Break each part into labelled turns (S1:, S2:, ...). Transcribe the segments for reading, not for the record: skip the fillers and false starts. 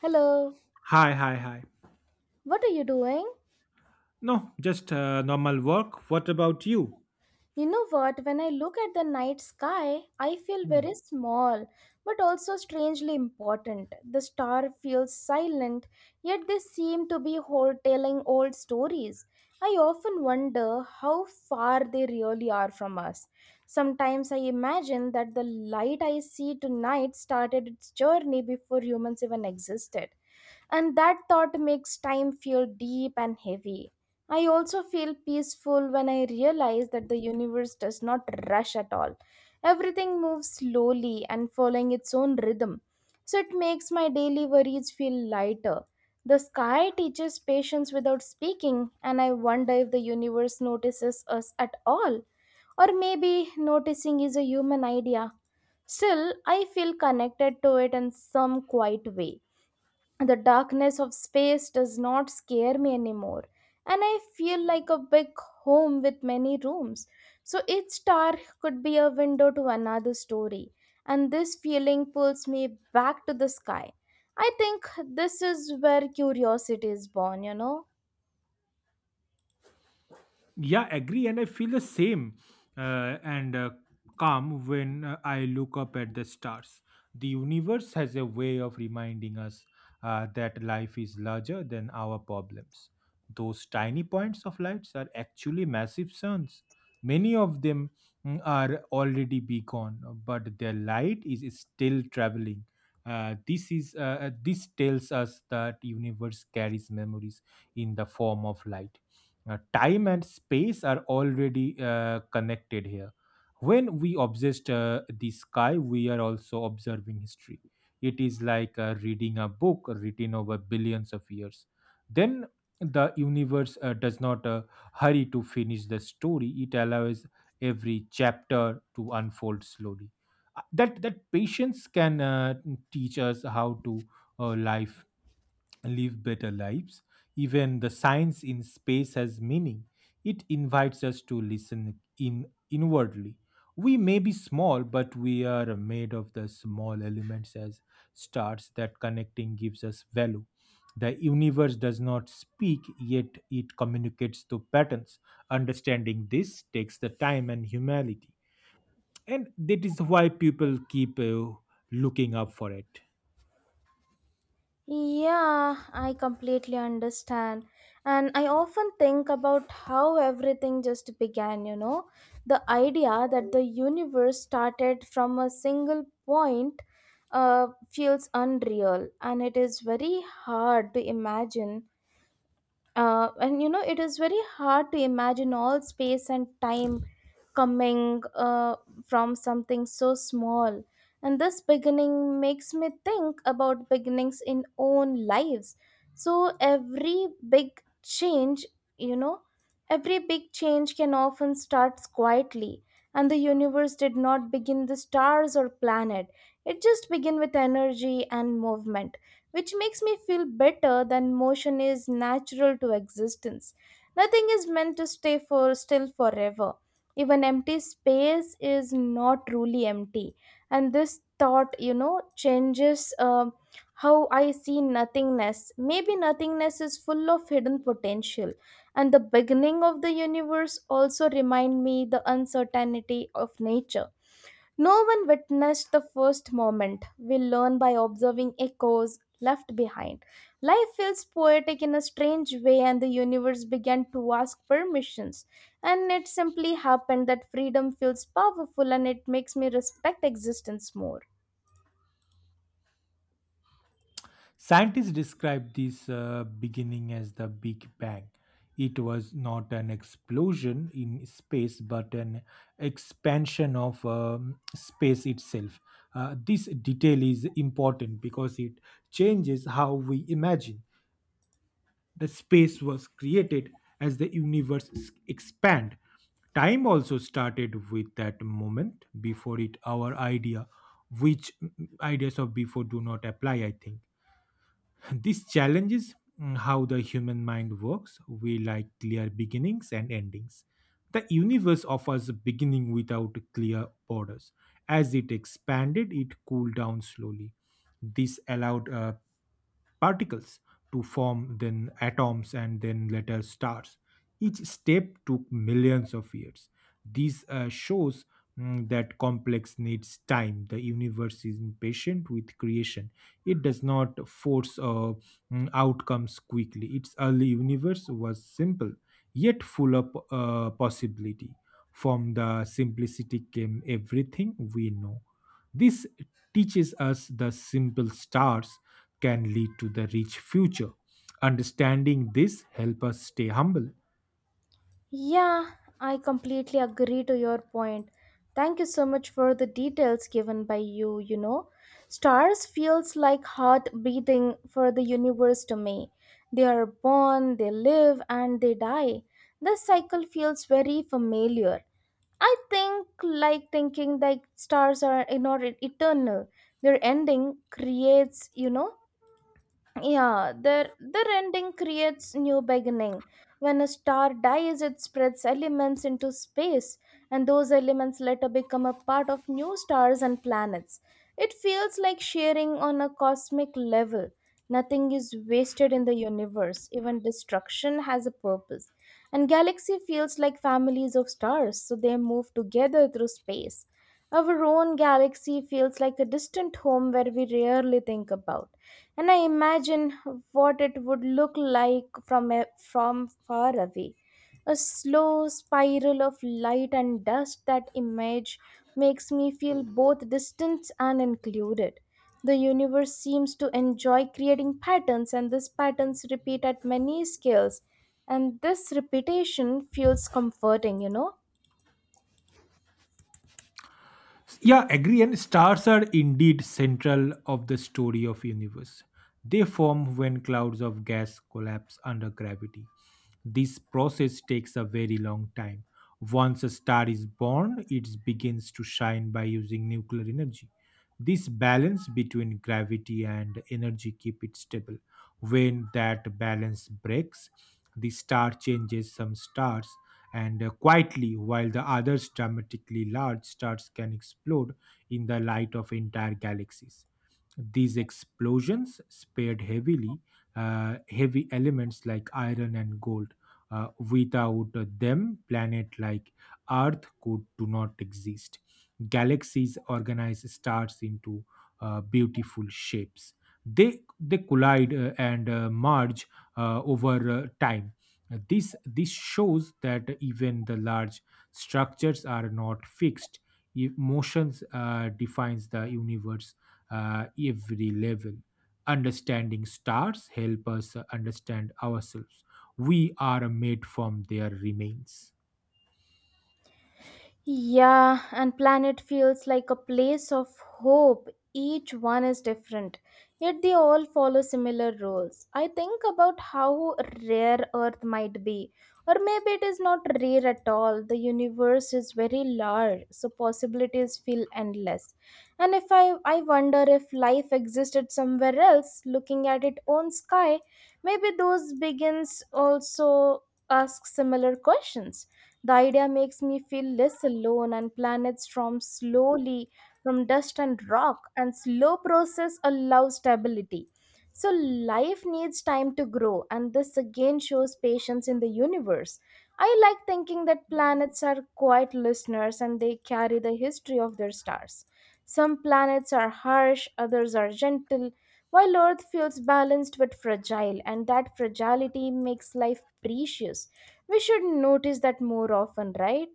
S1: Hello,
S2: Hi, hi, hi.
S1: what are you doing?
S2: No, just normal work. What about you?
S1: You know what, when I look at the night sky, I feel
S2: Hmm.
S1: very small, but also strangely important. The stars feel silent, yet they seem to be whole telling old stories. I often wonder how far they really are from us. Sometimes I imagine that the light I see tonight started its journey before humans even existed, and that thought makes time feel deep and heavy. I also feel peaceful when I realize that the universe does not rush at all. Everything moves slowly and following its own rhythm. So it makes my daily worries feel lighter. The sky teaches patience without speaking, and I wonder if the universe notices us at all. Or maybe noticing is a human idea. Still, I feel connected to it in some quiet way. The darkness of space does not scare me anymore, and I feel like a big home with many rooms. So each star could be a window to another story, and this feeling pulls me back to the sky. I think this is where curiosity is born, you know.
S2: Yeah, agree. And I feel the same and calm when I look up at the stars. The universe has a way of reminding us that life is larger than our problems. Those tiny points of lights are actually massive suns. Many of them are already be gone, but their light is still traveling. This tells us that universe carries memories in the form of light. Time and space are already connected here. When we obsess the sky, we are also observing history. It is like reading a book written over billions of years. Then the universe does not hurry to finish the story, it allows every chapter to unfold slowly. That patience can teach us how to life live better lives. Even the science in space has meaning. It invites us to listen in inwardly. We may be small, but we are made of the small elements as stars that connecting gives us value. The universe does not speak, yet it communicates through patterns. Understanding this takes the time and humility. And that is why people keep looking up for it.
S1: Yeah, I completely understand. And I often think about how everything just began, you know. The idea that the universe started from a single point feels unreal, and it is very hard to imagine. And you know, it is very hard to imagine all space and time coming from something so small, and this beginning makes me think about beginnings in own lives. So every big change, you know, every big change can often start quietly. And the universe did not begin the stars or planet, it just began with energy and movement, which makes me feel better than motion is natural to existence. Nothing is meant to stay for still forever. Even empty space is not truly empty. And this thought changes how I see nothingness. Maybe nothingness is full of hidden potential. And the beginning of the universe also remind me the uncertainty of nature. No one witnessed the first moment. We learn by observing echoes left behind. Life feels poetic in a strange way, and the universe began to ask permissions. And it simply happened that freedom feels powerful, and it makes me respect existence more.
S2: Scientists describe this beginning as the Big Bang. It was not an explosion in space, but an expansion of space itself. This detail is important because it changes how we imagine. The space was created as the universe expand. Time also started with that moment before it, our idea, which ideas of before do not apply, I think. This challenges how the human mind works. We like clear beginnings and endings. The universe offers a beginning without clear borders. As it expanded, it cooled down slowly. This allowed particles to form, then atoms, and then later stars. Each step took millions of years. This shows that complex needs time. The universe is impatient with creation. It does not force outcomes quickly. Its early universe was simple, yet full of possibility. From the simplicity came everything we know. This teaches us the simple stars can lead to the rich future. Understanding this help us stay humble.
S1: Yeah, I completely agree to your point. Thank you so much for the details given by you, you know. Stars feels like heart beating for the universe to me. They are born, they live and they die. This cycle feels very familiar. I think like thinking like stars are, you know, eternal. Their ending creates, yeah, the rending creates new beginning. When a star dies, it spreads elements into space, and those elements later become a part of new stars and planets. It feels like sharing on a cosmic level. Nothing is wasted in the universe. Even destruction has a purpose. And galaxy feels like families of stars, so they move together through space. Our own galaxy feels like a distant home where we rarely think about. And I imagine what it would look like from from far away, a slow spiral of light and dust. That image makes me feel both distant and included. The universe seems to enjoy creating patterns, and these patterns repeat at many scales, and this repetition feels comforting.
S2: Yeah, agree. And stars are indeed central of the story of universe. They form when clouds of gas collapse under gravity. This process takes a very long time. Once a star is born, it begins to shine by using nuclear energy. This balance between gravity and energy keep it stable. When that balance breaks, the star changes. Some stars and quietly, while the other's dramatically. Large stars can explode in the light of entire galaxies. These explosions spared heavily heavy elements like iron and gold. Without them, planet like Earth could do not exist. Galaxies organize stars into beautiful shapes. They collide and merge over time. This shows that even the large structures are not fixed. Motions defines the universe uh, every level. Understanding stars help us understand ourselves. We are made from their remains.
S1: Yeah, and planet feels like a place of hope. Each one is different, yet they all follow similar rules. I think about how rare Earth might be, or maybe it is not rare at all. The universe is very large, so possibilities feel endless. And if I, I wonder if life existed somewhere else, looking at its own sky, maybe those begins also ask similar questions. The idea makes me feel less alone, and planets form slowly from dust and rock, and slow process allows stability. So, life needs time to grow, and this again shows patience in the universe. I like thinking that planets are quiet listeners, and they carry the history of their stars. Some planets are harsh, others are gentle, while Earth feels balanced but fragile, and that fragility makes life precious. We should notice that more often, right?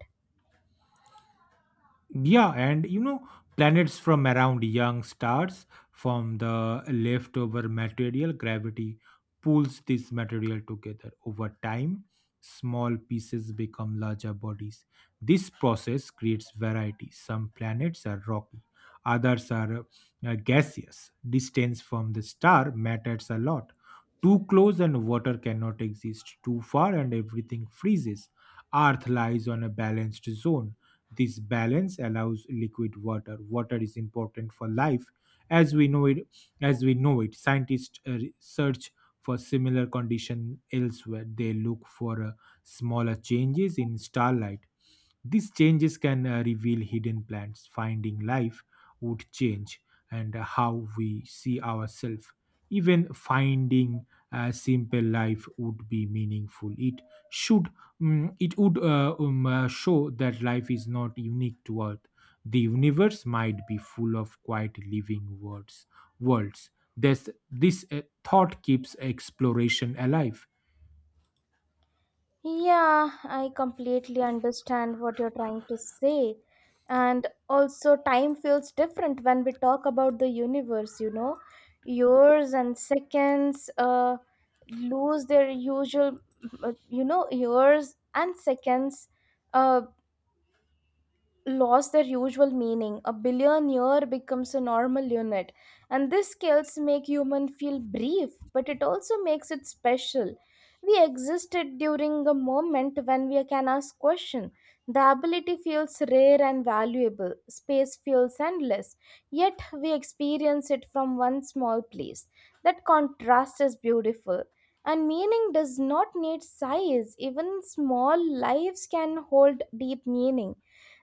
S2: Yeah, and you know, planets from around young stars from the leftover material, gravity pulls this material together. Over time, small pieces become larger bodies. This process creates variety. Some planets are rocky, others are gaseous. Distance from the star matters a lot. Too close and water cannot exist. Too far and everything freezes. Earth lies on a balanced zone. This balance allows liquid water. Water is important for life as we know it. As we know it, scientists search for similar condition elsewhere. They look for smaller changes in starlight. These changes can reveal hidden plants. Finding life would change and how we see ourselves. Even finding a simple life would be meaningful. It should it would show that life is not unique to Earth. The universe might be full of quiet living words, worlds. This thought keeps exploration alive.
S1: Yeah, I completely understand what you're trying to say. And also, time feels different when we talk about the universe, you know. Years and seconds lose their usual, you know, years and seconds uh, lost their usual meaning. A billionaire becomes a normal unit. And these skills make human feel brief, but it also makes it special. We existed during a moment when we can ask question. The ability feels rare and valuable. Space feels endless. Yet we experience it from one small place. That contrast is beautiful. And meaning does not need size. Even small lives can hold deep meaning.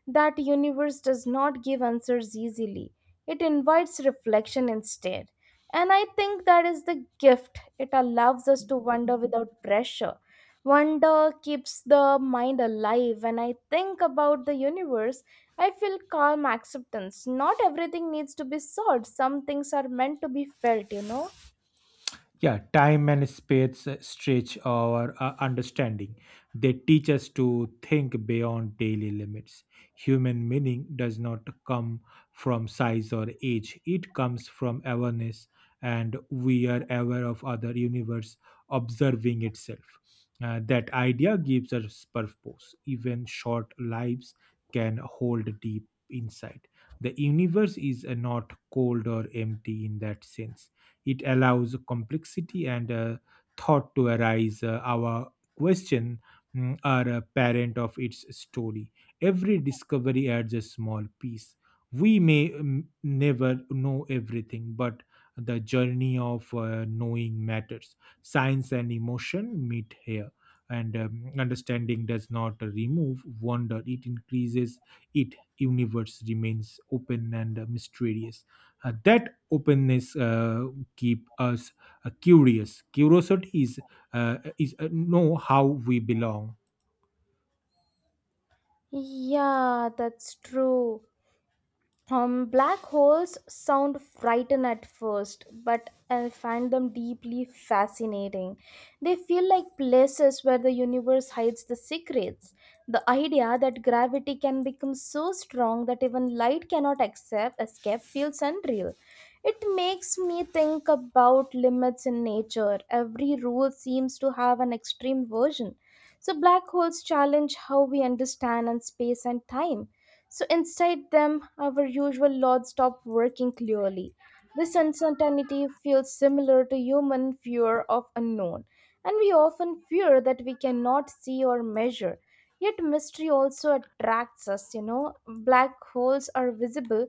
S1: That universe does not give answers easily, it invites reflection instead. And I think that is the gift, it allows us to wonder without pressure. Wonder keeps the mind alive. When I think about the universe, I feel calm acceptance. Not everything needs to be solved, some things are meant to be felt, you know.
S2: Yeah, time and space stretch our understanding. They teach us to think beyond daily limits. Human meaning does not come from size or age, it comes from awareness. And we are aware of other universe observing itself. That idea gives us purpose. Even short lives can hold deep insight. The universe is not cold or empty in that sense. It allows complexity and thought to arise. Our question are a parent of its story. Every discovery adds a small piece. We may never know everything, but the journey of knowing matters. Science and emotion meet here. And understanding does not remove wonder, it increases it. Universe remains open and mysterious. That openness keep us curious. Curiosity is know how we belong.
S1: Yeah, that's true. Black holes sound frightened at first, but I find them deeply fascinating. They feel like places where the universe hides the secrets. The idea that gravity can become so strong that even light cannot accept, escape feels unreal. It makes me think about limits in nature. Every rule seems to have an extreme version. So, black holes challenge how we understand and space and time. So inside them, our usual laws stop working clearly. This uncertainty feels similar to human fear of unknown, and we often fear that we cannot see or measure. Yet mystery also attracts us, you know. Black holes are visible,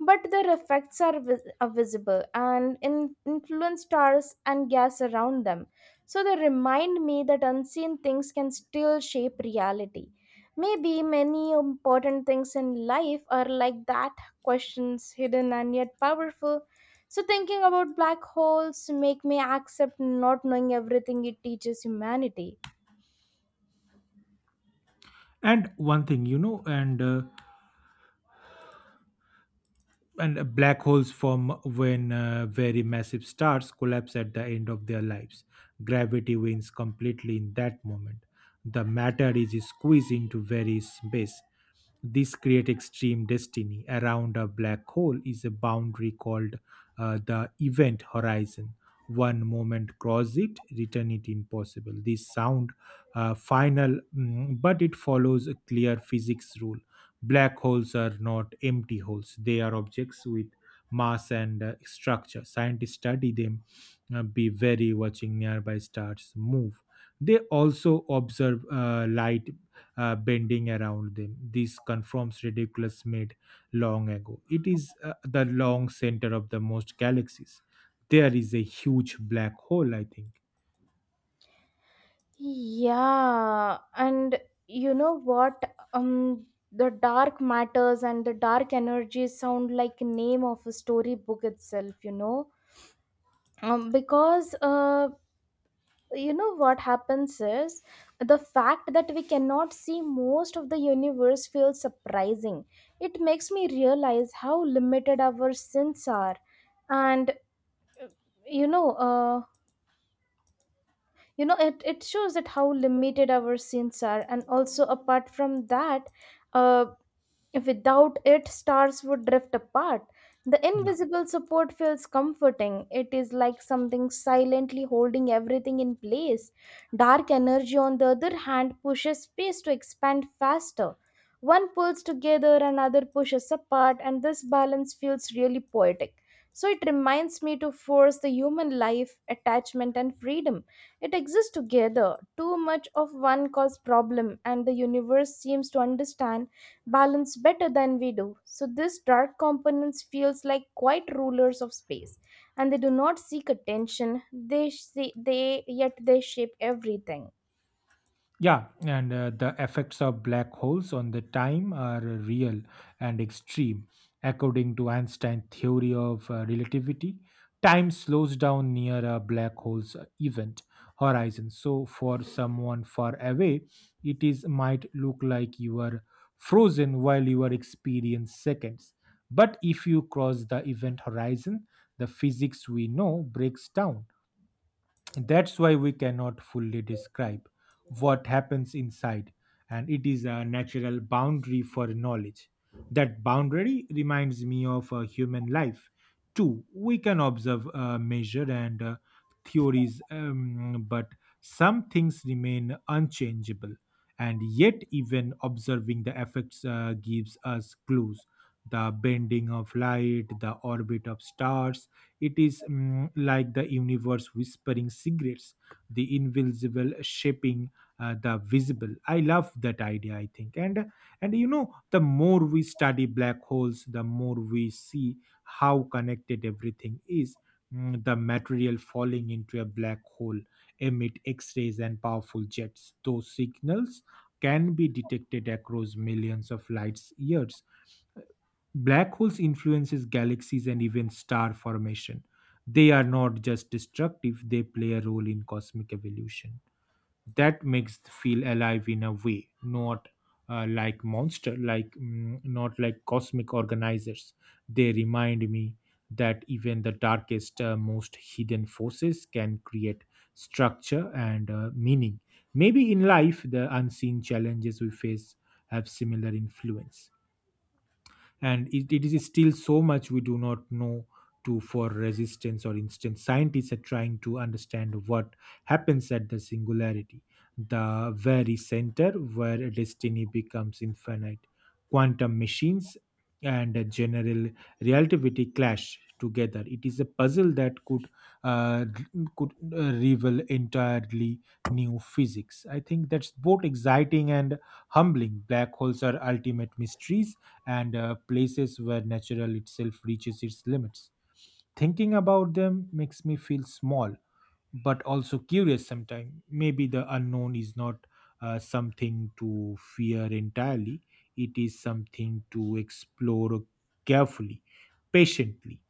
S1: but their effects are, vis- are visible and in- influence stars and gas around them. So they remind me that unseen things can still shape reality. Maybe many important things in life are like that, questions hidden and yet powerful. So, thinking about black holes make me accept not knowing everything it teaches humanity.
S2: And one thing, you know, and black holes form when very massive stars collapse at the end of their lives. Gravity wins completely in that moment. The matter is squeezed into very space. This creates extreme destiny. Around a black hole is a boundary called the event horizon. One moment cross it, return it impossible. This sound final, but it follows a clear physics rule. Black holes are not empty holes, they are objects with mass and structure. Scientists study them, be very watching nearby stars move. They also observe light bending around them. This confirms ridiculous made long ago. It is the long center of the most galaxies. There is a huge black hole, I think.
S1: Yeah, and you know what? The dark matters and the dark energies sound like name of a storybook itself. You know, because you know what happens is the fact that we cannot see most of the universe feels surprising. It makes me realize how limited our sins are. And you know uh, you know it, it shows that how limited our sins are, and also apart from that uh, without it, stars would drift apart. The
S2: Yeah.
S1: invisible support feels comforting. It is like something silently holding everything in place. Dark energy, on the other hand, pushes space to expand faster. One pulls together, another pushes apart, and this balance feels really poetic. So it reminds me to force the human life, attachment, and freedom. It exists together. Too much of one causes problem, and the universe seems to understand balance better than we do. So this dark components feels like quite rulers of space, and they do not seek attention. They say they yet they shape everything.
S2: Yeah, and the effects of black holes on the time are real and extreme. According to Einstein's theory of relativity, time slows down near a black hole's event horizon. So, for someone far away, it is might look like you are frozen while you are experiencing seconds. But if you cross the event horizon, the physics we know breaks down. That's why we cannot fully describe what happens inside, and it is a natural boundary for knowledge. That boundary reminds me of a human life too. We can observe, measure and theories, but some things remain unchangeable. And yet even observing the effects gives us clues, the bending of light, the orbit of stars. It is like the universe whispering secrets, the invisible shaping the visible. I love that idea, I think. And you know, the more we study black holes, the more we see how connected everything is. The material falling into a black hole emit X-rays and powerful jets. Those signals can be detected across millions of light years. Black holes influences galaxies and even star formation. They are not just destructive, they play a role in cosmic evolution. That makes feel alive in a way, not like monster, like not like cosmic organizers. They remind me that even the darkest, most hidden forces can create structure and meaning. Maybe in life, the unseen challenges we face have similar influence. And it is still so much we do not know to for resistance or instance. Scientists are trying to understand what happens at the singularity, the very center where destiny becomes infinite. Quantum machines and a general relativity clash together. It is a puzzle that could uh, reveal entirely new physics, I think. That's both exciting and humbling. Black holes are ultimate mysteries and places where natural itself reaches its limits. Thinking about them makes me feel small, but also curious sometimes. Maybe the unknown is not something to fear entirely, it is something to explore carefully, patiently.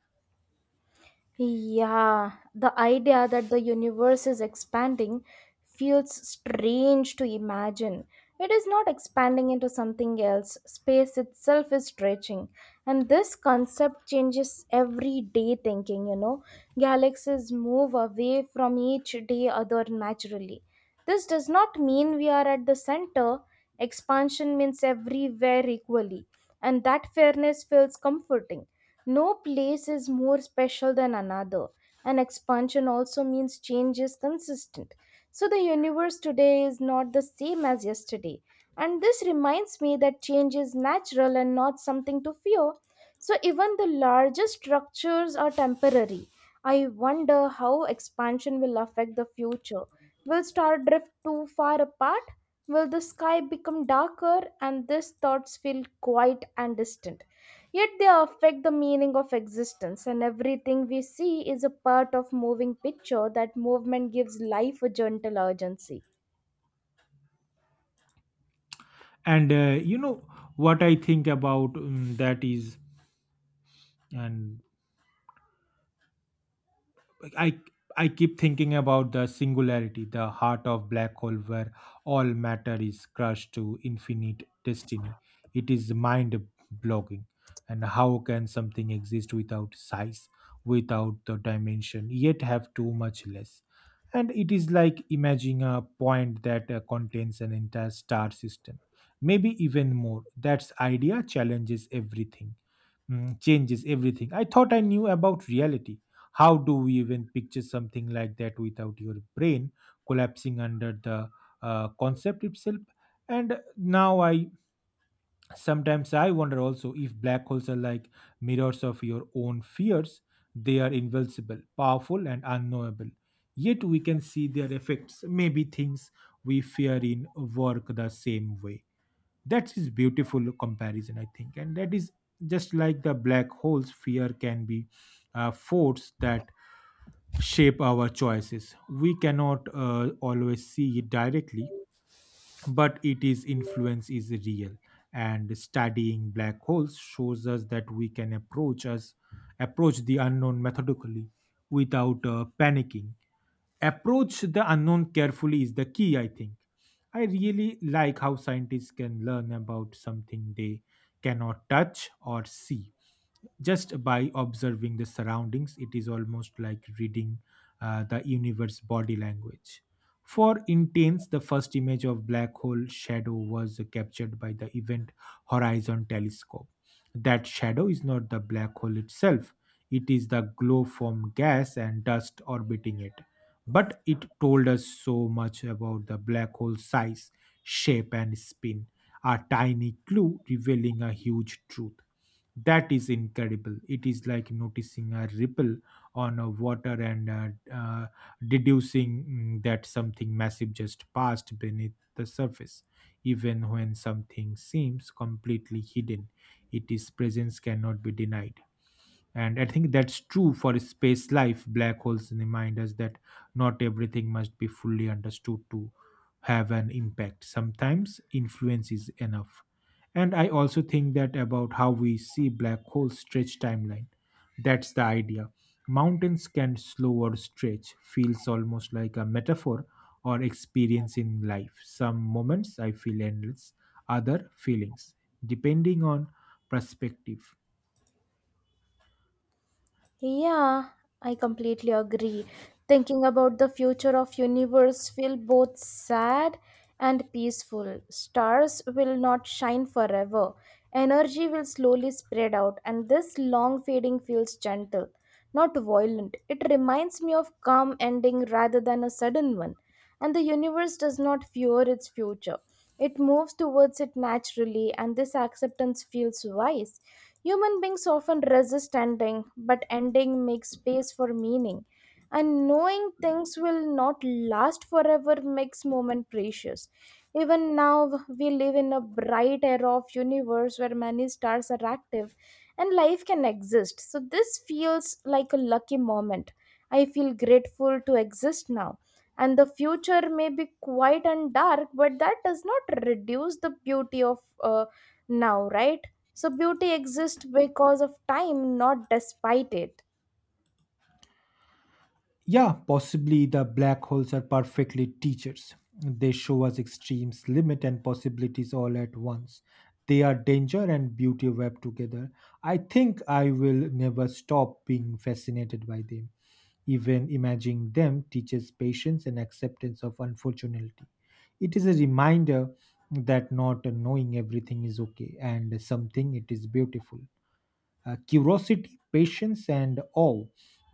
S1: Yeah, the idea that the universe is expanding feels strange to imagine. It is not expanding into something else, space itself is stretching. And this concept changes everyday thinking, you know. Galaxies move away from each day other naturally. This does not mean we are at the center, expansion means everywhere equally. And that fairness feels comforting. No place is more special than another, and expansion also means change is consistent. So the universe today is not the same as yesterday. And this reminds me that change is natural and not something to fear. So even the largest structures are temporary. I wonder how expansion will affect the future. Will stars drift too far apart? Will the sky become darker, and these thoughts feel quiet and distant? Yet they affect the meaning of existence, and everything we see is a part of moving picture. That movement gives life a gentle urgency.
S2: And you know what I think about that is, and Like, I keep thinking about the singularity, the heart of black hole where all matter is crushed to infinite destiny. It is mind blogging. And how can something exist without size, without the dimension, yet have too much less? And it is like imagining a point that contains an entire star system, maybe even more. That idea challenges everything, changes everything. I thought I knew about reality. How do we even picture something like that without your brain collapsing under the concept itself? And now I Sometimes I wonder also if black holes are like mirrors of your own fears. They are invincible, powerful, and unknowable. Yet we can see their effects. Maybe things we fear in work the same way that is beautiful comparison. I think, and that is just like the black holes, fear can be a force that shape our choices. We cannot always see it directly, but it is influence is real, and studying black holes shows us that we can approach the unknown methodically without panicking. Approach the unknown carefully is the key, I think. I really like how scientists can learn about something they cannot touch or see just by observing the surroundings. It is almost like reading the universe body language. For intense, the first image of black hole shadow was captured by the event horizon telescope. That shadow is not the black hole itself, it is the glow from gas and dust orbiting it, but it told us so much about the black hole's size, shape and spin. A tiny clue revealing a huge truth. That is incredible. It is like noticing a ripple on a water and uh, deducing that something massive just passed beneath the surface. Even when something seems completely hidden, its presence cannot be denied. And I think that's true for space life. Black holes remind us that not everything must be fully understood to have an impact. Sometimes influence is enough. And I also think that about how we see black holes stretch timeline. That's the idea. Mountains can slow or stretch, feels almost like a metaphor or experience in life. Some moments I feel endless, other feelings, depending on perspective.
S1: Yeah, I completely agree. Thinking about the future of universe feel both sad and peaceful. Stars will not shine forever. Energy will slowly spread out, and this long fading feels gentle, not violent. It reminds me of calm ending rather than a sudden one. And the universe does not fear its future. It moves towards it naturally, and this acceptance feels wise. Human beings often resist ending, but ending makes space for meaning. And knowing things will not last forever makes moment precious. Even now we live in a bright era of universe where many stars are active and life can exist. So this feels like a lucky moment. I feel grateful to exist now. And the future may be quiet and dark, but that does not reduce the beauty of uh, now, right? So beauty exists because of time, not despite it.
S2: Yeah, possibly the black holes are perfectly teachers. They show us extremes, limit, and possibilities all at once. They are danger and beauty web together. I think I will never stop being fascinated by them. Even imagining them teaches patience and acceptance of unfortunately. It is a reminder that not knowing everything is okay and something it is beautiful. Curiosity, patience, and awe.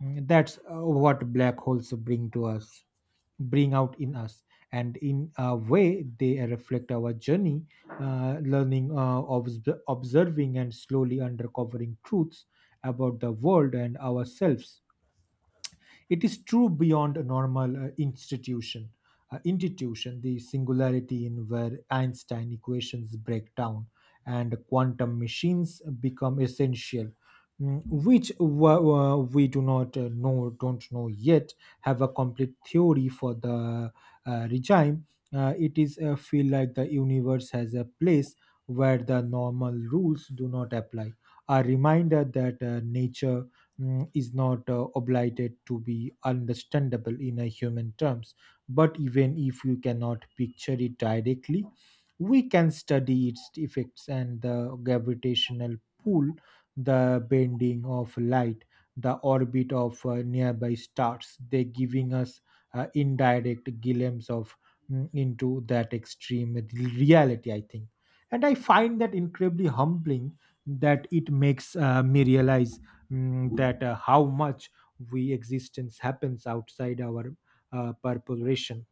S2: That's what black holes bring to us, bring out in us. And in a way, they reflect our journey, learning, observing, and slowly uncovering truths about the world and ourselves. It is true beyond a normal institution. Institution, the singularity in where Einstein equations break down and quantum machines become essential, which we do not know, don't know yet, have a complete theory for the regime. It is feel like the universe has a place where the normal rules do not apply, a reminder that nature is not obligated to be understandable in a human terms, but even if you cannot picture it directly, we can study its effects. And the gravitational pull, the bending of light, the orbit of nearby stars, they giving us indirect glimpse of into that extreme reality, I think. And I find that incredibly humbling, that it makes me realize that how much we existence happens outside our purpose ration,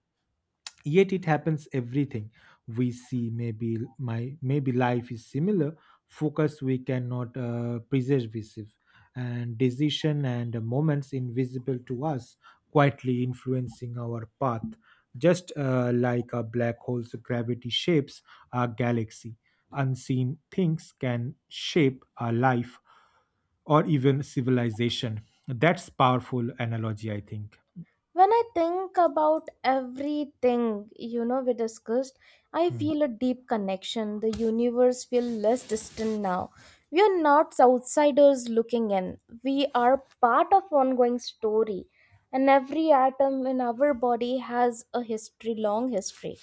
S2: yet it happens. Everything we see, maybe my maybe life is similar, focus we cannot preserve, and decision and moments invisible to us, quietly influencing our path, just like a black hole's gravity shapes our galaxy. Unseen things can shape our life or even civilization. That's powerful analogy, I think.
S1: When I think about everything, you know, we discussed, I
S2: Hmm.
S1: feel a deep connection. The universe feels less distant now. We are not outsiders looking in. We are part of ongoing story. And every atom in our body has a history, long history.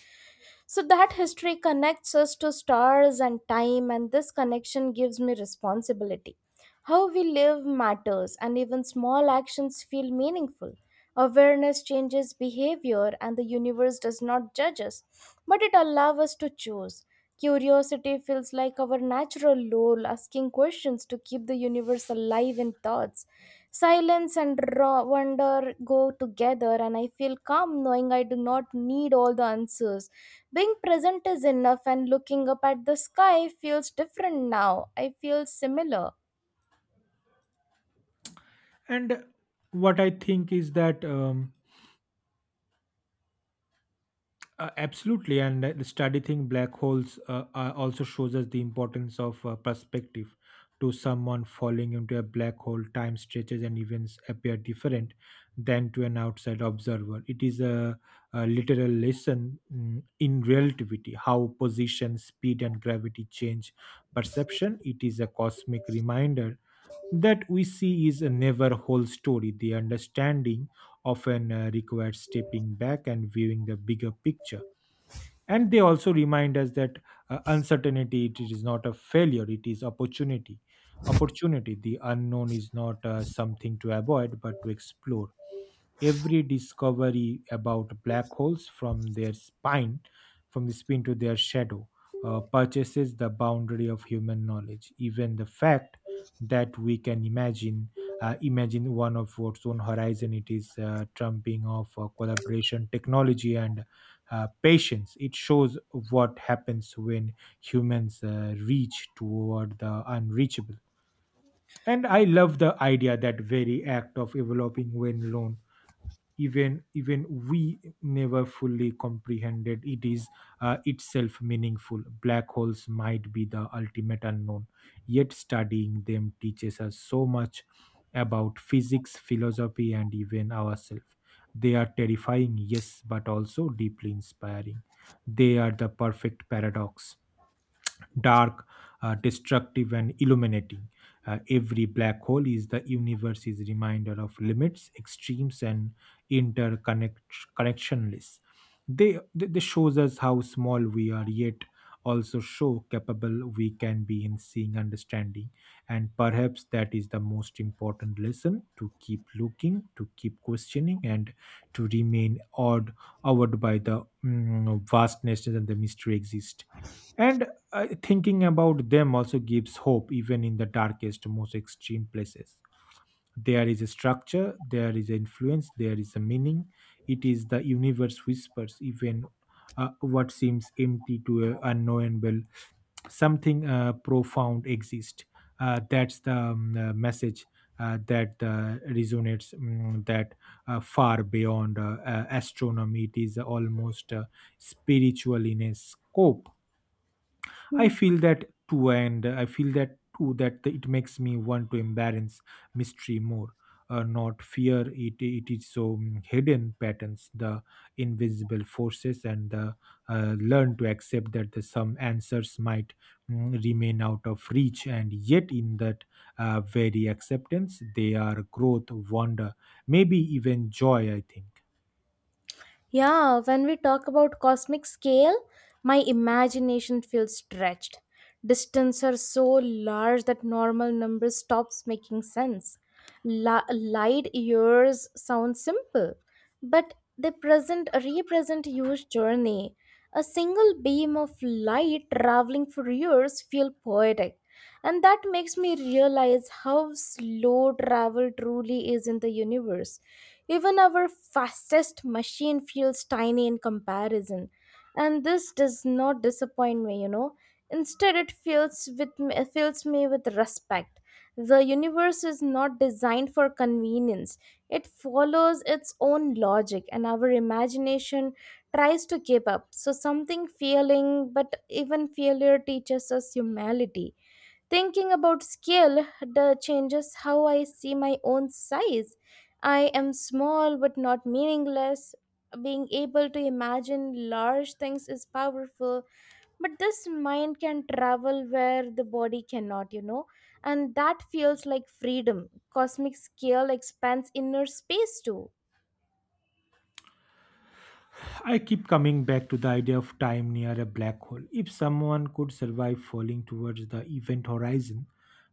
S1: So that history connects us to stars and time, and this connection gives me responsibility. How we live matters, and even small actions feel meaningful. Awareness changes behavior, and the universe does not judge us, but it allows us to choose. Curiosity feels like our natural role, asking questions to keep the universe alive in thoughts. Silence and raw wonder go together, and I feel calm knowing I do not need all the answers being present is enough, and looking up at the sky feels different now. I feel similar.
S2: And what I think is that absolutely, and the studying black holes also shows us the importance of perspective. To someone falling into a black hole, time stretches and events appear different than to an outside observer. It is a literal lesson in relativity, how position, speed, and gravity change perception. It is a cosmic reminder that we see is never whole story. The understanding often requires stepping back and viewing the bigger picture. And they also remind us that uncertainty it is not a failure, it is opportunity. Opportunity, the unknown is not something to avoid but to explore. Every discovery about black holes, from their spine, from the spin to their shadow, purchases the boundary of human knowledge. Even the fact that we can imagine imagine one of its own horizon, it is trumping of collaboration, technology and patience. It shows what happens when humans reach toward the unreachable. And I love the idea that very act of developing when alone, even we never fully comprehended, it is itself meaningful. Black holes might be the ultimate unknown, yet studying them teaches us so much about physics, philosophy and even ourselves. They are terrifying, yes, but also deeply inspiring. They are the perfect paradox, dark, destructive, and illuminating. Every black hole is the universe's reminder of limits, extremes, and interconnectionless. They shows us how small we are, yet also show capable we can be in seeing understanding. And perhaps that is the most important lesson: to keep looking, to keep questioning, and to remain awed by the vastness and the mystery exist. And thinking about them also gives hope. Even in the darkest most extreme places, there is a structure, there is influence, there is a meaning. It is the universe whispers. Even what seems empty to unknowable, something profound exists. That's the message that resonates that far beyond astronomy. It is almost spiritual in a scope. I
S1: Hmm.
S2: feel that too, and I feel that too, that it makes me want to embarrass mystery more, not fear it. It is so hidden patterns, the invisible forces, and the learn to accept that the, some answers might remain out of reach, and yet in that very acceptance, they are growth, wonder, maybe even joy. I think.
S1: Yeah, when we talk about cosmic scale, my imagination feels stretched. Distances are so large that normal numbers stops making sense. Light years sound simple, but they present represent huge journey. A single beam of light traveling for years feel poetic. And that makes me realize how slow travel truly is in the universe. Even our fastest machine feels tiny in comparison. And this does not disappoint me. Instead, it fills with me, fills me with respect. The universe is not designed for convenience, it follows its own logic, and our imagination tries to keep up. So, something failing, but even failure teaches us humility. Thinking about scale the changes how I see my own size. I am small but not meaningless. Being able to imagine large things is powerful, but this mind can travel where the body cannot, and that feels like freedom. Cosmic scale expands inner space too.
S2: I keep coming back to the idea of time near a black hole. If someone could survive falling towards the event horizon,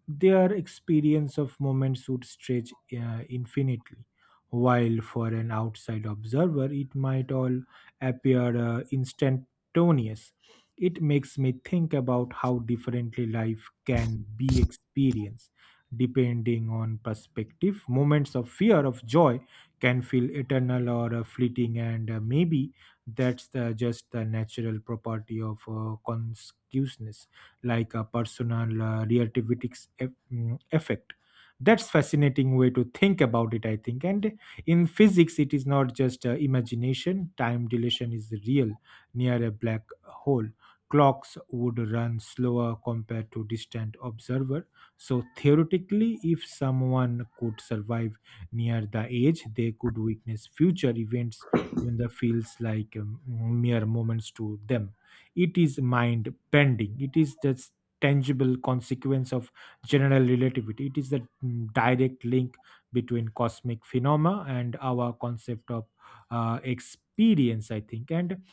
S2: their experience of moments would stretch infinitely, while for an outside observer, it might all appear instantaneous. It makes me think about how differently life can be experienced depending on perspective. Moments of fear, of joy, can feel eternal or fleeting, and maybe that's the, just the natural property of consciousness, like a personal relativistic effect. That's fascinating way to think about it, I think. And in physics it is not just imagination. Time dilation is real. Near a black hole, clocks would run slower compared to distant observer. So theoretically, if someone could survive near the edge, they could witness future events, even the feels like mere moments to them. It is mind bending. It is the tangible consequence of general relativity. It is the direct link between cosmic phenomena and our concept of experience, I think. And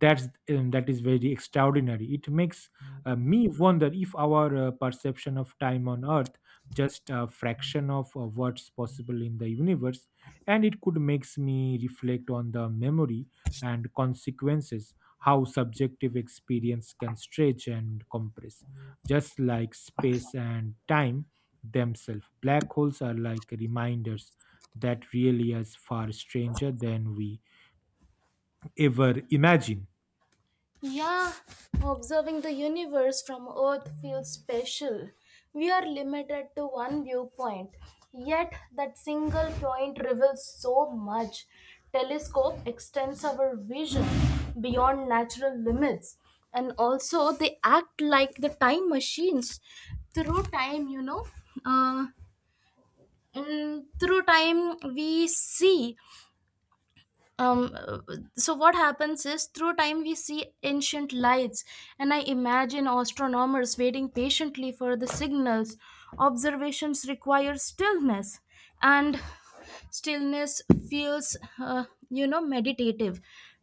S2: that's that is very extraordinary. It makes me wonder if our perception of time on earth just a fraction of what's possible in the universe. And it could makes me reflect on the memory and consequences, how subjective experience can stretch and compress just like space and time themselves. Black holes are like reminders that really is far stranger than we ever imagine.
S1: Yeah, observing the universe from Earth feels special. We are limited to one viewpoint, yet that single point reveals so much. Telescope extends our vision beyond natural limits, and also they act like the time machines. Through time, you know, uh, mm, through time, we see um so what happens is through time we see ancient lights. And I imagine astronomers waiting patiently for the signals. Observations require stillness. And stillness feels meditative.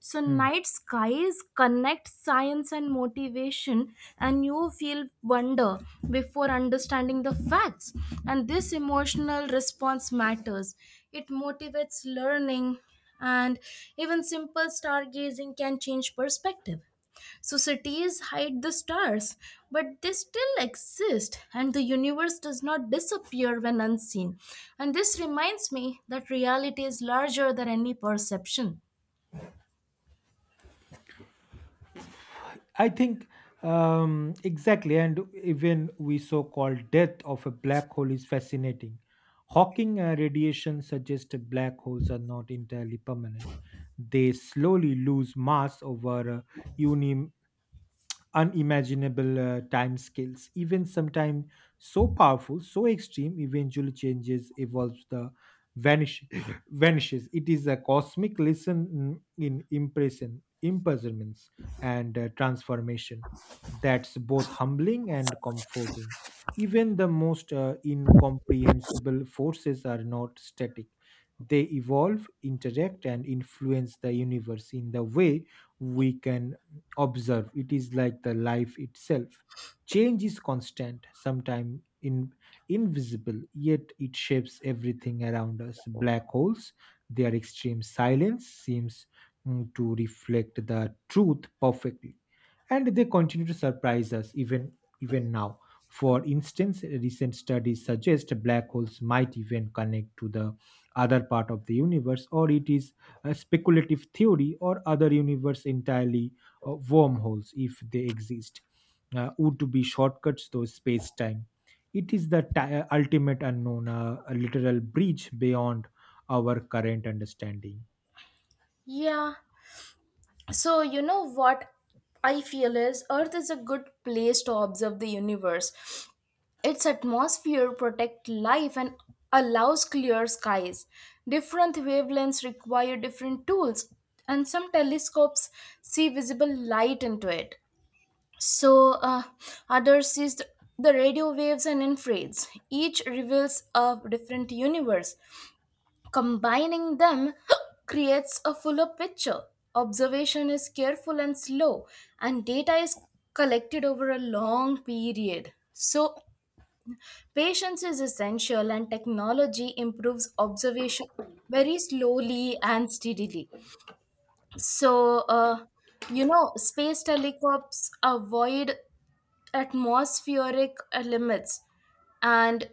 S1: So
S2: Hmm.
S1: night skies connect science and motivation, and you feel wonder before understanding the facts. And this emotional response matters. It motivates learning. And even simple stargazing can change perspective. Societies hide the stars, but they still exist, and the universe does not disappear when unseen. And this reminds me that reality is larger than any perception.
S2: I think exactly, and even we so-called death of a black hole is fascinating. Hawking radiation suggests that black holes are not entirely permanent. They slowly lose mass over a unimaginable time scales. Even sometimes so powerful, so extreme, eventually changes, evolves, the vanish vanishes. It is a cosmic lesson in impression, imprisonments and transformation. That's both humbling and comforting. Even the most incomprehensible forces are not static. They evolve, interact and influence the universe in the way we can observe. It is like the life itself, change is constant, sometimes in invisible, yet it shapes everything around us. Black holes, their extreme silence seems to reflect the truth perfectly. And they continue to surprise us even even now. For instance, recent studies suggest black holes might even connect to the other part of the universe, or it is a speculative theory, or other universe entirely. Wormholes, if they exist, would be shortcuts to space time. It is the ultimate unknown, a literal breach beyond our current understanding.
S1: Yeah. So, you know what I feel is Earth is a good place to observe the universe. Its atmosphere protects life and allows clear skies. Different wavelengths require different tools, and some telescopes see visible light into it. So, others sees the radio waves and infrareds. Each reveals a different universe. Combining them creates a fuller picture. Observation is careful and slow, and data is collected over a long period. So, patience is essential, and technology improves observation very slowly and steadily. So, space telescopes avoid atmospheric limits, and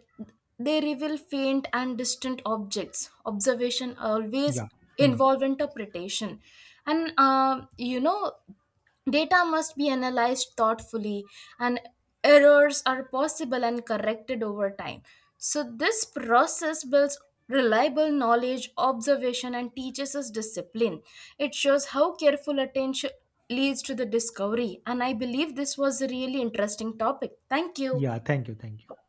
S1: they reveal faint and distant objects. Observation always
S2: Yeah. Hmm.
S1: involve interpretation. And, data must be analyzed thoughtfully, and errors are possible and corrected over time. So, this process builds reliable knowledge, observation, and teaches us discipline. It shows how careful attention leads to the discovery. And I believe this was a really interesting topic. Thank you.
S2: Yeah, thank you, thank you.